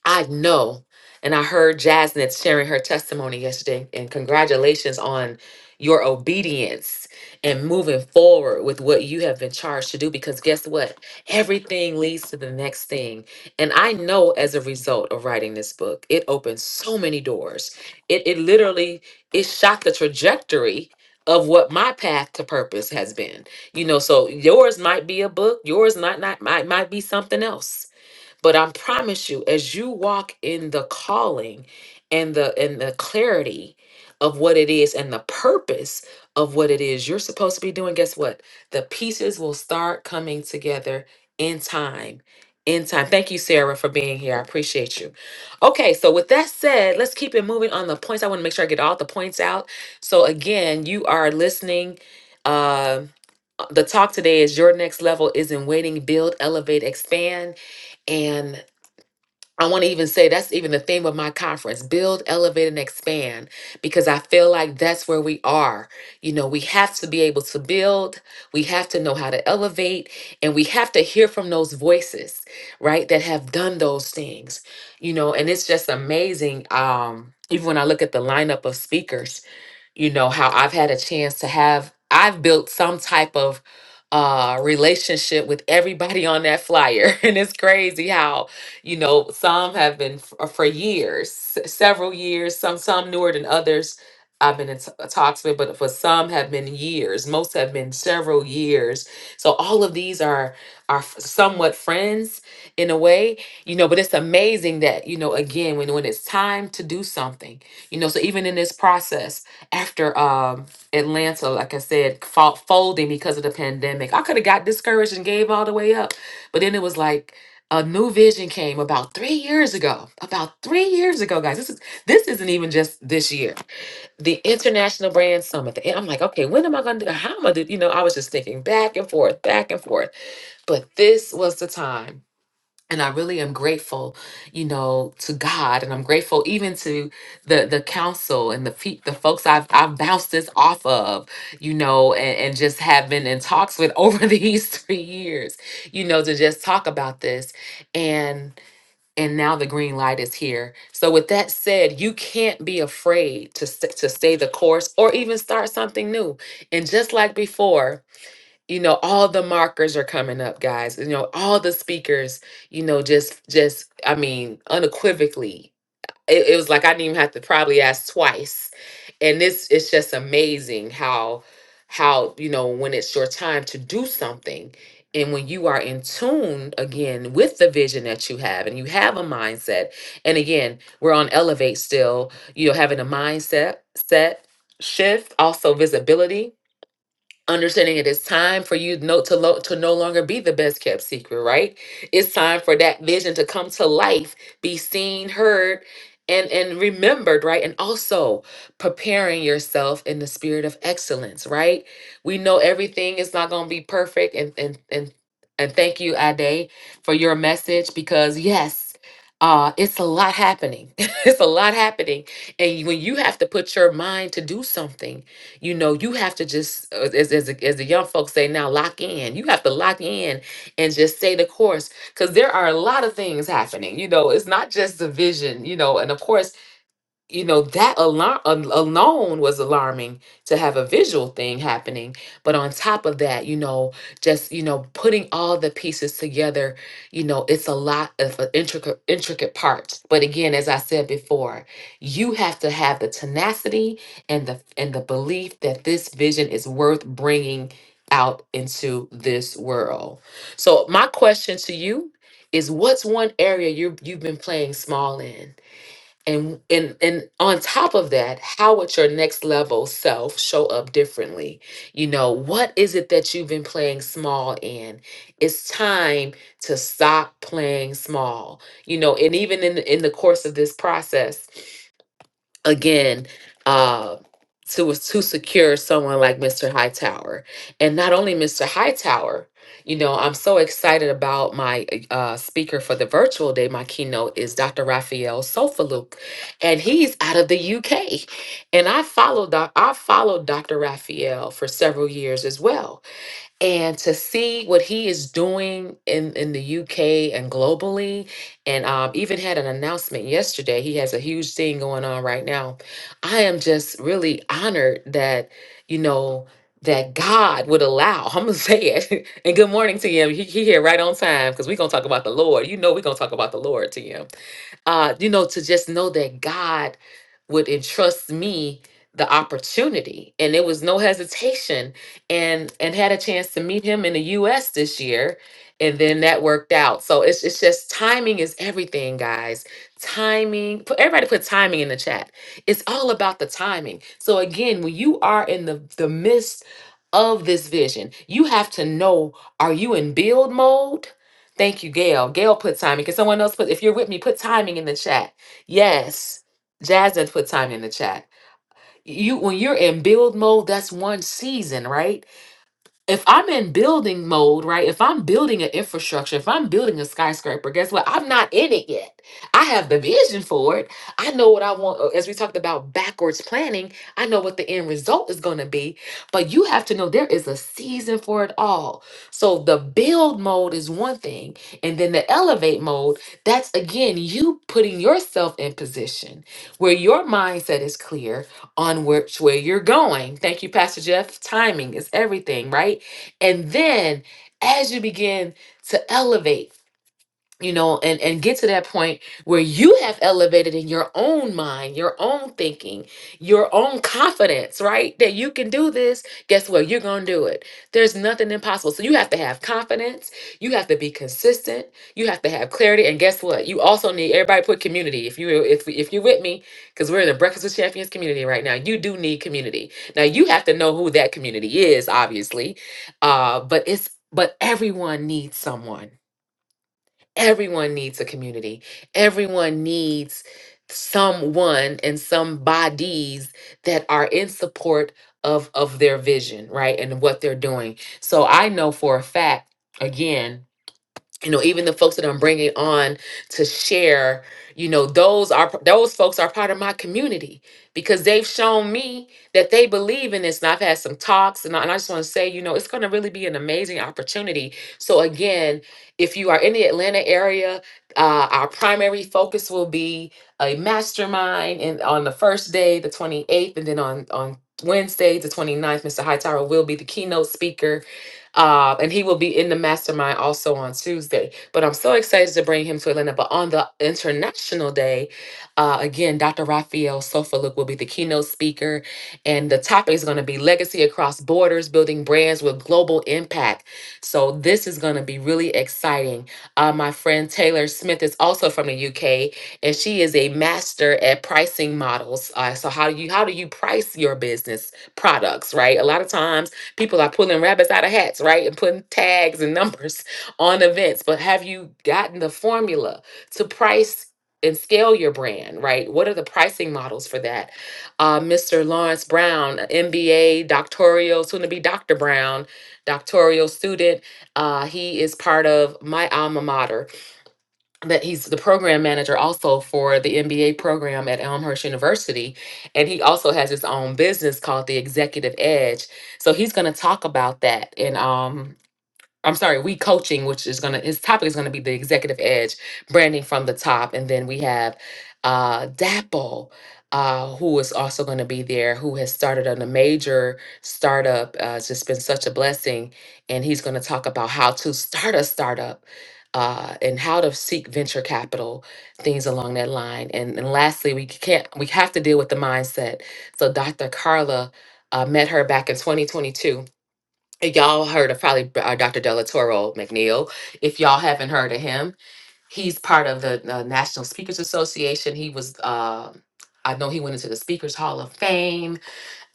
[SPEAKER 1] I know, and I heard Jasmine sharing her testimony yesterday, and congratulations on your obedience and moving forward with what you have been charged to do because guess what? Everything leads to the next thing. And I know as a result of writing this book, it opened so many doors. It it literally it shot the trajectory of what my path to purpose has been. You know, so yours might be a book, yours might not might might be something else but I promise you, as you walk in the calling and the and the clarity of what it is and the purpose of what it is you're supposed to be doing, guess what? The pieces will start coming together in time. In time. Thank you, Sarah, for being here. I appreciate you. Okay, so with that said, let's keep it moving on the points. I want to make sure I get all the points out. So again, you are listening. Uh, the talk today is your next level is in waiting, build, elevate, expand. and I want to even say that's even the theme of my conference build, elevate, and expand, because I feel like that's where we are. You know, we have to be able to build, we have to know how to elevate, and we have to hear from those voices, right, that have done those things, you know, and it's just amazing. Um, even when I look at the lineup of speakers, you know how i've had a chance to have i've built some type of uh relationship with everybody on that flyer <laughs> and it's crazy how you know some have been f- uh, for years s- several years some some newer than others i've been in t- uh, talks with but for some have been years most have been several years so all of these are are f- somewhat friends in a way you know but it's amazing that you know again when when it's time to do something you know so even in this process after um Atlanta, like I said, fought folding because of the pandemic. I could have got discouraged and gave all the way up, but then it was like a new vision came about three years ago. About three years ago, guys. This is this isn't even just this year. The International Brand Summit. The- I'm like, okay, when am I gonna do? How am I? Do, you know, I was just thinking back and forth, back and forth. But this was the time and I really am grateful, you know, to God, and I'm grateful even to the the council and the pe- the folks I've I've bounced this off of, you know, and, and just have been in talks with <laughs> over these three years, you know, to just talk about this, and and now the green light is here. So with that said, you can't be afraid to st- to stay the course or even start something new. And just like before, you know all the markers are coming up guys you know all the speakers you know just just i mean unequivocally it, it was like i didn't even have to probably ask twice and this it's just amazing how how you know when it's your time to do something and when you are in tune again with the vision that you have and you have a mindset and again we're on elevate still you know having a mindset set shift also visibility understanding it is time for you no, to, lo- to no longer be the best kept secret, right? It's time for that vision to come to life, be seen, heard, and, and remembered, right? And also preparing yourself in the spirit of excellence, right? We know everything is not going to be perfect. And, and, and, and thank you, Ade, for your message because, yes, uh, it's a lot happening. <laughs> it's a lot happening. And when you have to put your mind to do something, you know you have to just uh, as, as, the- as the young folks say now lock in you have to lock in and just stay the course because there are a lot of things happening you know it's not just the vision you know and of course you know that alarm alone was alarming to have a visual thing happening but on top of that you know just you know putting all the pieces together you know it's a lot of uh, intricate intricate parts but again as i said before you have to have the tenacity and the and the belief that this vision is worth bringing out into this world so my question to you is what's one area you you've been playing small in and and and on top of that how would your next level self show up differently you know what is it that you've been playing small in it's time to stop playing small you know and even in in the course of this process again uh to to secure someone like Mr. Hightower. And not only Mr. Hightower, you know, I'm so excited about my uh speaker for the virtual day. My keynote is Dr. Raphael Sofaluk, and he's out of the UK. And I followed doc- I followed Dr. Raphael for several years as well and to see what he is doing in, in the UK and globally, and um, even had an announcement yesterday. He has a huge thing going on right now. I am just really honored that, you know, that God would allow, <laughs> I'm going to say it. <laughs> and good morning to him. He, he here right on time because we're going to talk about the Lord. You know, we're going to talk about the Lord to him uh, you know, to just know that God would entrust me the opportunity and it was no hesitation and and had a chance to meet him in the US this year and then that worked out. So it's it's just timing is everything, guys. Timing. Put everybody put timing in the chat. It's all about the timing. So again, when you are in the the midst of this vision, you have to know are you in build mode? Thank you, Gail. Gail put timing. Can someone else put, if you're with me, put timing in the chat. Yes. Jasmine put timing in the chat. You when you're in build mode, that's one season, right? if I'm in building mode, right? If I'm building an infrastructure, if I'm building a skyscraper, guess what? I'm not in it yet. I have the vision for it. I know what I want. uh, As we talked about backwards planning, I know what the end result is going to be. But you have to know there is a season for it all. So the build mode is one thing, and then the elevate mode, that's again you putting yourself in position where your mindset is clear on which way you're going. Thank you, Pastor Jeff. Timing is everything, right? And then as you begin to elevate, you know and and get to that point where you have elevated in your own mind your own thinking your own confidence right that you can do this guess what you're gonna do it there's nothing impossible so you have to have confidence you have to be consistent you have to have clarity and guess what you also need everybody put community if you if, if you're with me because we're in the breakfast with champions community right now you do need community now you have to know who that community is obviously uh but it's but everyone needs someone Everyone needs a community. Everyone needs someone and some bodies that are in support of of their vision, right? And what they're doing. So I know for a fact again you know even the folks that i'm bringing on to share you know those are those folks are part of my community because they've shown me that they believe in this and i've had some talks and i, and I just want to say you know it's going to really be an amazing opportunity so again if you are in the atlanta area uh, our primary focus will be a mastermind and on the first day the 28th and then on on Wednesday, the 29th, Mr. Hightower will be the keynote speaker uh, and he will be in the mastermind also on Tuesday. But I'm so excited to bring him to Atlanta. But on the international day, uh, again, Dr. Raphael Sofaluk will be the keynote speaker. And the topic is going to be legacy across borders, building brands with global impact. So this is going to be really exciting. Uh, my friend Taylor Smith is also from the UK, and she is a master at pricing models. Uh, so how do you how do you price your business products? Right, a lot of times People are pulling rabbits out of hats, right? And putting tags and <laughs> numbers on events. But have you gotten the formula to price and scale your brand, right? What are the pricing models for that? Uh, Mr. Lawrence Brown, MBA, doctoral, soon to be Dr. Brown, doctoral student. Uh, he is part of my alma mater but he's the program manager also for the MBA program at Elmhurst University. And he also has his own business called the Executive Edge. So he's going to talk about that. And um, I'm sorry, we coaching, which is gonna his topic is gonna be the executive edge, branding from the top, and then we have uh Dapple, uh, who is also gonna be there, who has started on a major startup. Uh, it's just been such a blessing, and he's gonna talk about how to start a startup. Uh, and how to seek venture capital, things along that line, and, and lastly, we can't we have to deal with the mindset. So Dr. Carla uh, met her back in 2022, y'all heard of probably uh, Dr. Delatoro McNeil. If y'all haven't heard of him, he's part of the uh, National Speakers Association. He was, uh, I know he went into the Speakers Hall of Fame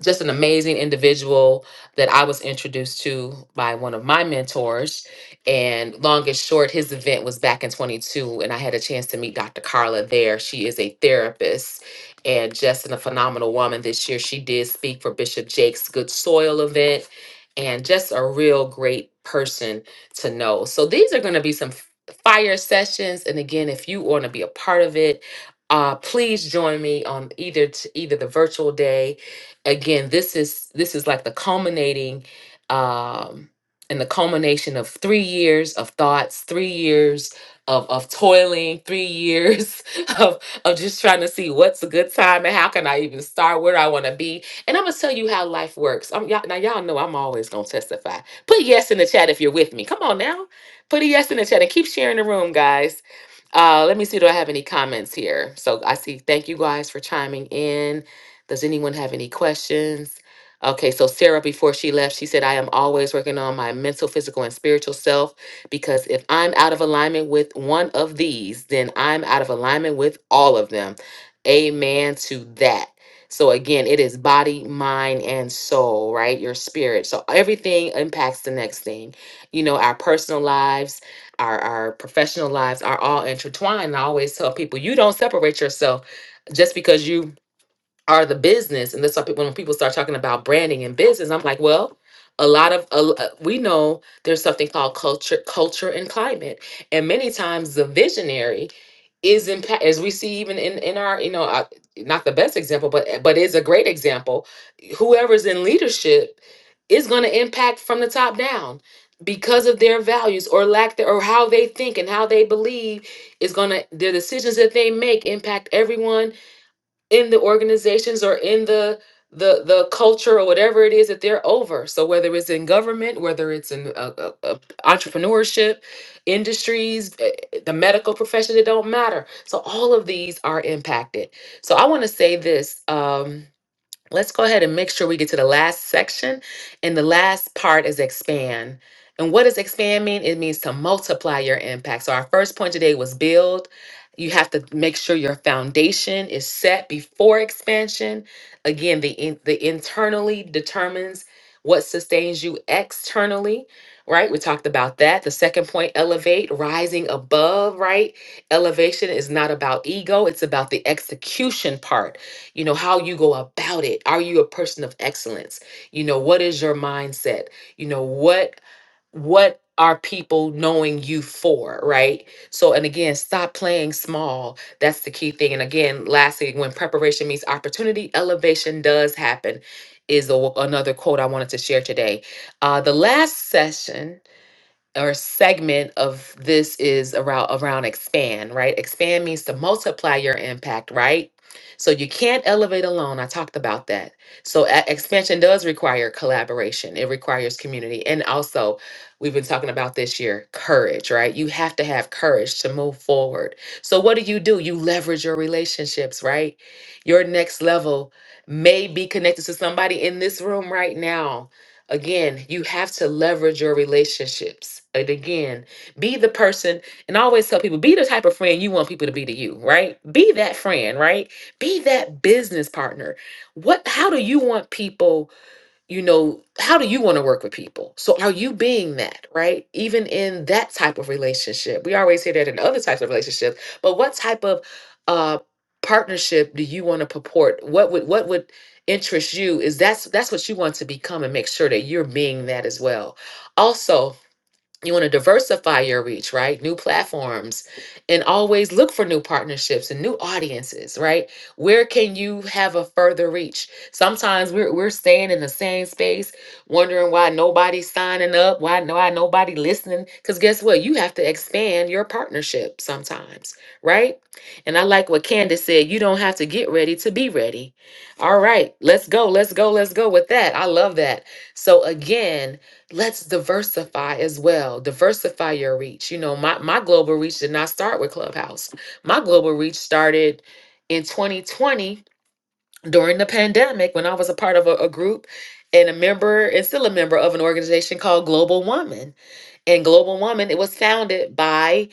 [SPEAKER 1] just an amazing individual that I was introduced to by one of my mentors. And long and short, his event was back in 22, and I had a chance to meet Dr. Carla there. She is a therapist and just a phenomenal woman. This year, she did speak for Bishop Jake's Good Soil event, and just a real great person to know. So these are going to be some f- fire sessions, and again, if you want to be a part of it. Uh, please join me on either t- either the virtual day again this is this is like the culminating um and the culmination of three years of thoughts three years of of toiling three years <laughs> of of just trying to see what's a good time and how can i even start where do i want to be and i'm gonna tell you how life works i y'all, now y'all know i'm always gonna testify put yes in the chat if you're with me come on now put a yes in the chat and keep sharing the room guys uh, let me see. Do I have any comments here? So I see. Thank you guys for chiming in. Does anyone have any questions? Okay, so Sarah, before she left, she said, I am always working on my mental, physical, and spiritual self because if I'm out of alignment with one of these, then I'm out of alignment with all of them. Amen to that. So again, it is body, mind, and soul, right? Your spirit. So everything impacts the next thing. You know, our personal lives, our, our professional lives are all intertwined. And I always tell people, you don't separate yourself just because you are the business and that's why people, when people start talking about branding and business i'm like well a lot of a l- uh, we know there's something called culture culture and climate and many times the visionary is impact as we see even in in our you know uh, not the best example but but is a great example whoever's in leadership is going to impact from the top down because of their values or lack there or how they think and how they believe is going to their decisions that they make impact everyone in the organizations or in the the the culture or whatever it is that they're over so whether it's in government whether it's in uh, uh, uh, entrepreneurship industries eh, eh, the medical profession it don't matter so all of these are impacted so i want to say this um Let's go ahead and make sure we get to the last section. And the last part is expand. And what does expand mean? It means to multiply your impact. So, our first point today was build. You have to make sure your foundation is set before expansion. Again, the, in, the internally determines what sustains you externally, right? We talked about that. The second point, elevate, rising above, right? Elevation is not about ego, it's about the execution part you know how you go about it are you a person of excellence you know what is your mindset you know what what are people knowing you for right so and again stop playing small that's the key thing and again lastly when preparation meets opportunity elevation does happen is a, another quote i wanted to share today uh, the last session or segment of this is around around expand, right? Expand means to multiply your impact, right? So you can't elevate alone. I talked about that. So a- expansion does require collaboration. It requires community, and also we've been talking about this year courage, right? You have to have courage to move forward. So what do you do? You leverage your relationships, right? Your next level may be connected to somebody in this room right now Again, you have to leverage your relationships. And again, be the person, and I always tell people, be the type of friend you want people to be to you, right? Be that friend, right? Be that business partner. What how do you want people you know, how do you want to work with people? So are you being that, right? Even in that type of relationship, we always hear that in other types of relationships, but what type of uh, partnership do you want to purport? What would what would interest you? Is that's that's what you want to become, and make sure that you're being that as well. Also, you want to diversify your reach, right? New platforms and always look for new partnerships and new audiences, right? Where can you have a further reach? Sometimes we're we're staying in the same space, wondering why nobody's signing up, why no why nobody listening. Because guess what? You have to expand your partnership sometimes, right? And I like what Candace said, you don't have to get ready to be ready. All right, let's go, let's go, let's go with that. I love that. So again, let's diversify as well diversify your reach you know my, my global reach did not start with clubhouse my global reach started in 2020 during the pandemic when i was a part of a, a group and a member and still a member of an organization called global woman and global woman it was founded by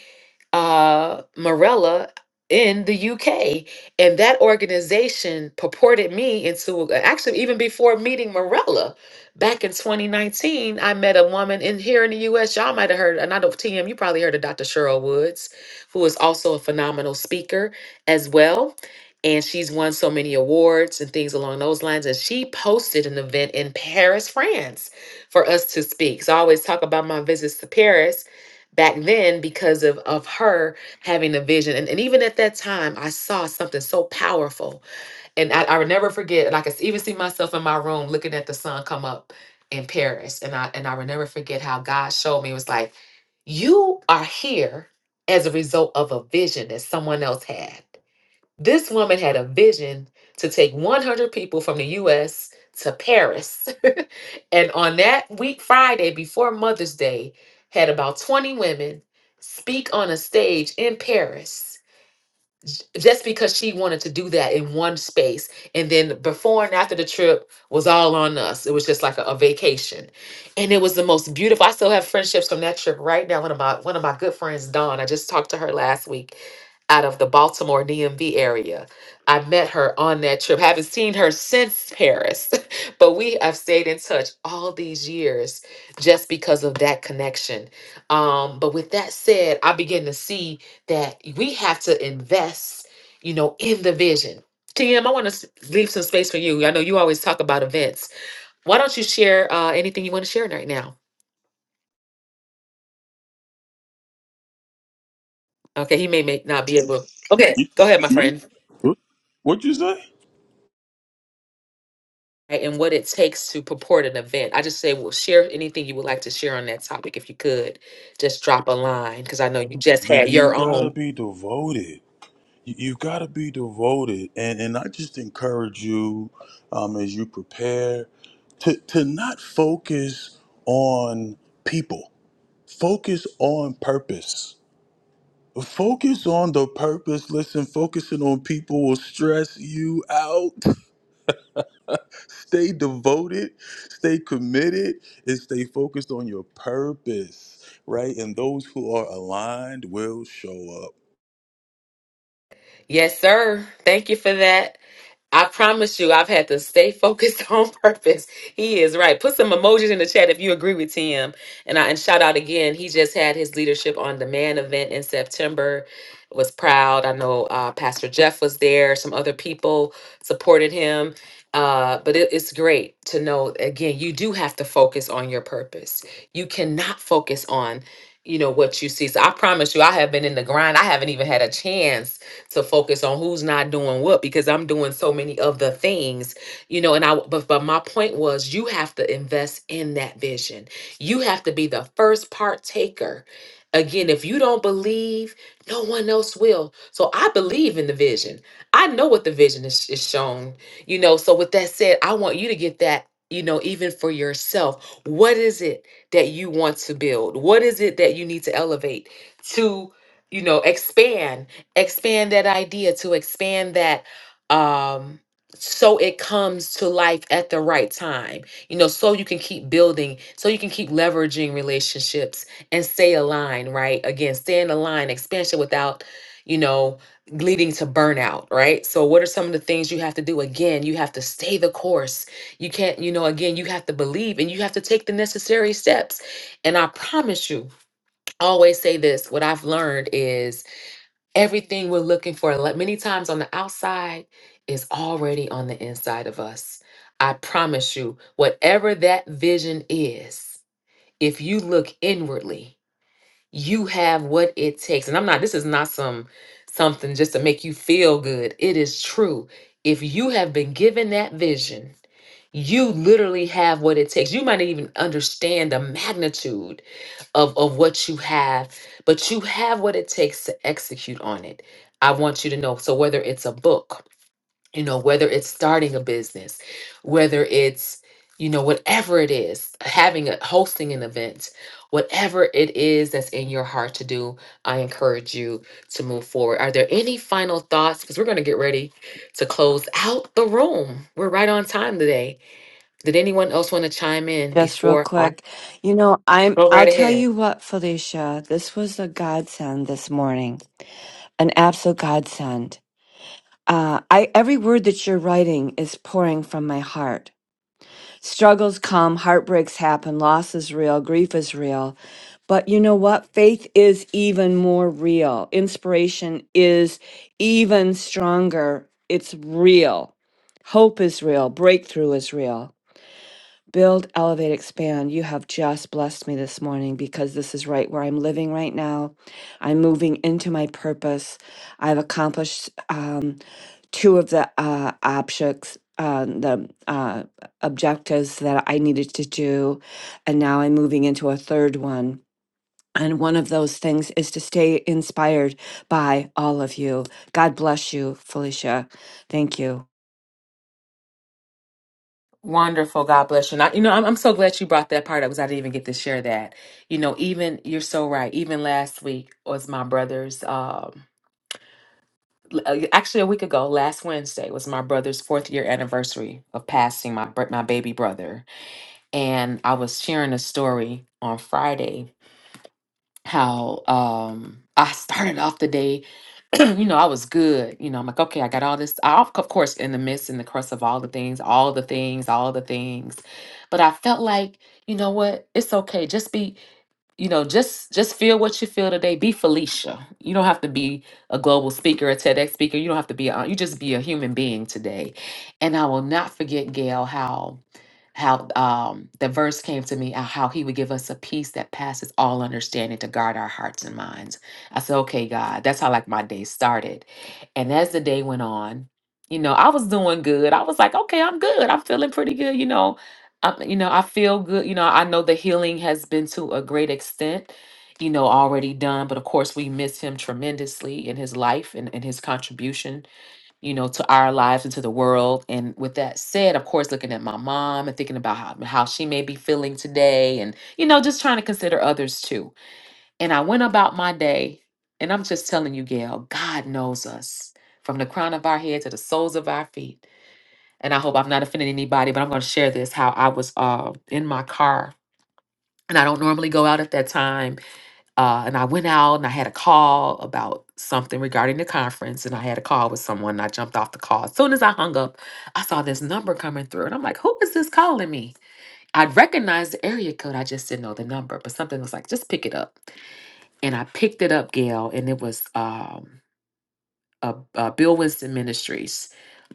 [SPEAKER 1] uh, Morella in the UK. And that organization purported me into actually, even before meeting Morella back in 2019, I met a woman in here in the US. Y'all might have heard, and I don't, TM, you probably heard of Dr. Cheryl Woods, who is also a phenomenal speaker as well. And she's won so many awards and things along those lines. And she posted an event in Paris, France for us to speak. So I always talk about my visits to Paris back then because of of her having a vision and, and even at that time i saw something so powerful and I, I would never forget and i could s- even see myself in my room looking at the sun come up in paris and i and i would never forget how god showed me it was like you are here as a result of a vision that someone else had this woman had a vision to take 100 people from the US to Paris. <laughs> and on that week, Friday, before Mother's Day, had about 20 women speak on a stage in Paris just because she wanted to do that in one space and then before and after the trip was all on us it was just like a, a vacation and it was the most beautiful i still have friendships from that trip right now one of my one of my good friends dawn i just talked to her last week out of the baltimore dmv area i met her on that trip haven't seen her since paris <laughs> but we have stayed in touch all these years just because of that connection um, but with that said i begin to see that we have to invest you know, in the vision. TM, I want to leave some space for you. I know you always talk about events. Why don't you share uh, anything you want to share right now? Okay, he may, may not be able. Okay,
[SPEAKER 7] You
[SPEAKER 1] go ahead,
[SPEAKER 7] talking
[SPEAKER 1] my
[SPEAKER 7] to me?
[SPEAKER 1] friend.
[SPEAKER 7] What- What'd you say?
[SPEAKER 1] Right, And what it takes to purport an event. I just say, well, share anything you would like to share on that topic. If you could, just drop a line because I know you just
[SPEAKER 7] You
[SPEAKER 1] had
[SPEAKER 7] you
[SPEAKER 1] your
[SPEAKER 7] gotta
[SPEAKER 1] own.
[SPEAKER 7] be devoted. You, you gotta be devoted, and and I just encourage you, um, as you prepare, to to not focus on people. Focus on purpose. Focus on the purpose. Listen, focusing on people will stress you out. <laughs> stay devoted, stay committed, and stay focused on your purpose, right? And those who are aligned will show up.
[SPEAKER 1] Yes, sir. Thank you for that. I promise you, I've had to stay focused <laughs> on purpose. He is right. Put some emojis in the chat if you agree with Tim. And I and shout out again. He just had his leadership on demand event in September. Was proud. I know uh, Pastor Jeff was there. Some other people supported him. Uh, but it- it's great to know. Again, you do have to focus on your purpose. You cannot focus on, you know, what you see. So I promise you, I have been in the grind. I haven't even had a chance to focus on who's not doing what because I'm doing so many of the things, you know. And I, but, but my point was you have to invest in that vision. You have to be the first partaker. Again, if you don't believe, no one else will. So I believe in the vision. I know what the vision is, is shown, you know. So with that said, I want you to get that, you know, even for yourself. What is it that you want to build? What is it that you need to elevate to, you know, expand? expand that idea to expand that um so it comes to life at the right time you know so you can keep building so you can keep leveraging relationships and stay aligned right again stay in the line expansion without you know leading to burnout right so what are some of the things you have to do again you have to stay the course you can't you know again you have to believe and you have to take the necessary steps and i promise you I always say this what i've learned is everything we're looking for like many times on the outside is already on the inside of us i promise you whatever that vision is if you look inwardly you have what it takes and i'm not this is not some something just to make you feel good it is true if you have been given that vision you literally have what it takes. You might not even understand the magnitude of of what you have but you have what it takes to execute on it i want you to know so whether it's a book you know whether it's starting a business whether it's you know whatever it is having a hosting an event whatever it is that's in your heart to do i encourage you to move forward are there any final thoughts because we're going to get ready to close out the room we're right on time today did anyone else want to chime in
[SPEAKER 6] Just real
[SPEAKER 1] before i
[SPEAKER 6] quick, you know, I'm,
[SPEAKER 1] go
[SPEAKER 6] I'll
[SPEAKER 1] right
[SPEAKER 6] tell
[SPEAKER 1] ahead
[SPEAKER 6] you what, Felicia, this was a godsend this morning, an absolute godsend. Uh, I, every word that you're writing is pouring from my heart. Struggles come, heartbreaks happen, loss is real, grief is real. But you know what? Faith is even more real. Inspiration is even stronger. It's real. Hope is real. Breakthrough is real. Build, elevate, expand. You have just blessed me this morning because this is right where I'm living right now. I'm moving into my purpose. I've accomplished um, two of the uh, objects, uh, the uh, objectives that I needed to do. And now I'm moving into a third one. And one of those things is to stay inspired by all of you. God bless you, Felicia. Thank you.
[SPEAKER 1] Wonderful. God bless you. And I, you know, I'm, I'm so glad you brought that part up because I didn't even get to share that. You know, even you're so right. Even last week was my brother's, um, l- uh, actually a week ago, last Wednesday was my brother's fourth year anniversary of passing my br- my baby brother. And I was sharing a story on Friday how um, I started off the day. <clears throat> you know, I was good. You know, I'm like, okay, I got all this. I, of of course, in the midst, in the crust of all the things, all the things, all the things. But I felt like, you know what? It's okay. Just be, you know, just just feel what you feel today. Be Felicia. You don't have to be a global speaker, a TEDx speaker. You don't have to be. A, you just be a human being today. And I will not forget, Gail, how how um, the verse came to me uh, how he would give us a peace that passes all understanding to guard our hearts and minds i said okay god that's how like my day started and as the day went on you know i was doing good i was like okay i'm good i'm feeling pretty good you know I, you know i feel good you know i know the healing has been to a great extent you know already done but of course we miss him tremendously in his life and, and his contribution you know, to our lives and to the world. And with that said, of course, looking at my mom and thinking about how, how she may be feeling today and, you know, just trying to consider others too. And I went about my day. And I'm just telling you, Gail, God knows us from the crown of our head to the soles of our feet. And I hope I'm not offending anybody, but I'm going to share this how I was uh, in my car. And I don't normally go out at that time uh, and I went out and I had a call about something regarding the conference, and I had a call with someone. And I jumped off the call. As soon as I hung up, I saw this number coming through, and I'm like, "Who is this calling me?" I would recognize the area code, I just didn't know the number. But something was like, "Just pick it up," and I picked it up, Gail, and it was. um, a, a Bill Winston Ministries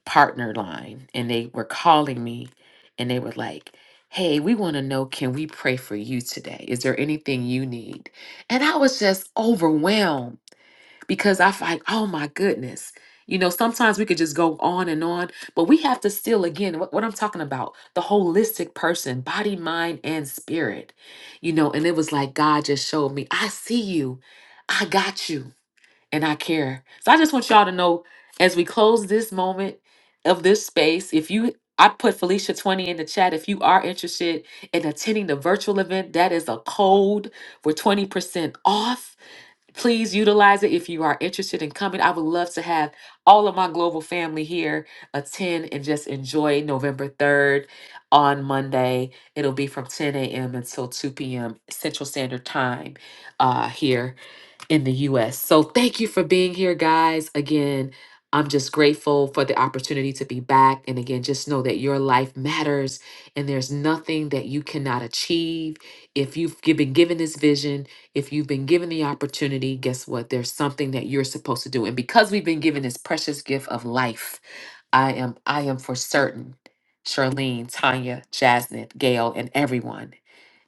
[SPEAKER 1] partner line, and they were calling me, and they were like, "Hey, we want to know, can we pray for you today? Is there anything you need?" And I was just overwhelmed because I like, "Oh my goodness." You know, sometimes we could just go on and on, but we have to still, again, what, what I'm talking about, the holistic person, body, mind, and spirit. You know, and it was like God just showed me, I see you. I got you and I care. So I just want y'all to know as we close this moment of this space, if you I put Felicia 20 in the chat. If you are interested in attending the virtual event, that is a code for 20% off. Please utilize it if you are interested in coming. I would love to have all of my global family here attend and just enjoy November 3rd on Monday. It'll be from 10 a.m. until 2 p.m. Central Standard Time uh, here in the US. So thank you for being here, guys. Again, I'm just grateful for the opportunity to be back. And again, just know that your life matters and there's nothing that you cannot achieve. If you've gi- been given this vision, if you've been given the opportunity, guess what? There's something that you're supposed to do. And because we've been given this precious gift of life, I am I am for certain, Charlene, Tanya, Jasmine, Gail, and everyone.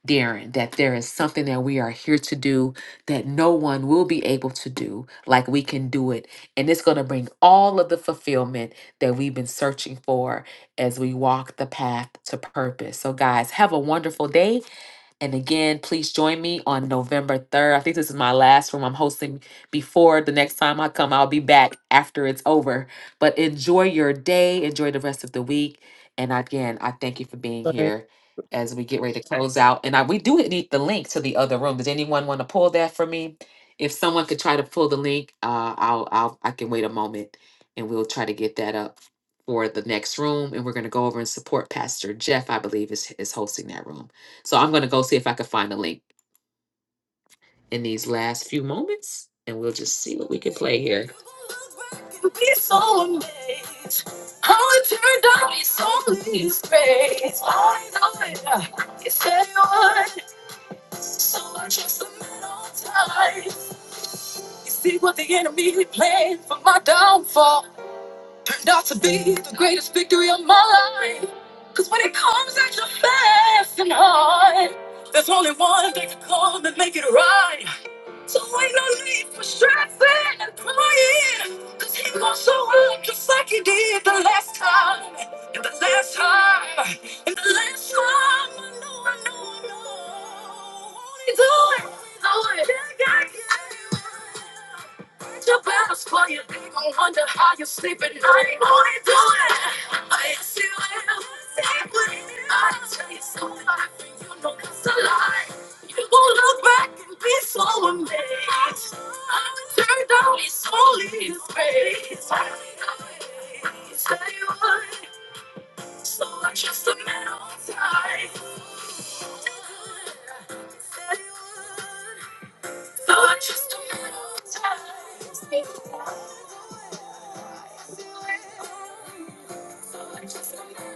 [SPEAKER 1] Darren, that there is something that we are here to do that no one will be able to do like we can do it. And it's going to bring all of the fulfillment that we've been searching for as we walk the path to purpose. So, guys, have a wonderful day. And again, please join me on November 3rd. I think this is my last room I'm hosting before the next time I come. I'll be back after it's over. But enjoy your day, enjoy the rest of the week. And again, I thank you for being here as we get ready to close out. And I, we do need the link to the other room. Does anyone want to pull that for me? If someone could try to pull the link, uh, I'll, I'll I can wait a moment and we'll try to get that up for the next room. And we're going to go over and support Pastor Jeff, I believe, is, is hosting that room. So I'm going to go see if I can find a link in these last few moments, and we'll just see what we can play here. See what the enemy planned for my downfall, and not to be the greatest victory of my life. Cause when it comes at your fast and hard, there's only one that can come and make it right. So ain't no need for stressing and crying. Cause he gon' show up just like he did the last time. And the last time. And the last time. I know, I know, I know. Won't he do it? Won't he do it? Yeah, yeah, yeah. Fight Your battles for you, they gon' wonder how you sleep at night. Won't he do it? I see what I will. i tell you something I think you know it's a lie. People look back and be so amazed. I turned out it's only his grace. Say what? So I trust a man on time. Say what? So I trust a man on time. So I trust a man on time.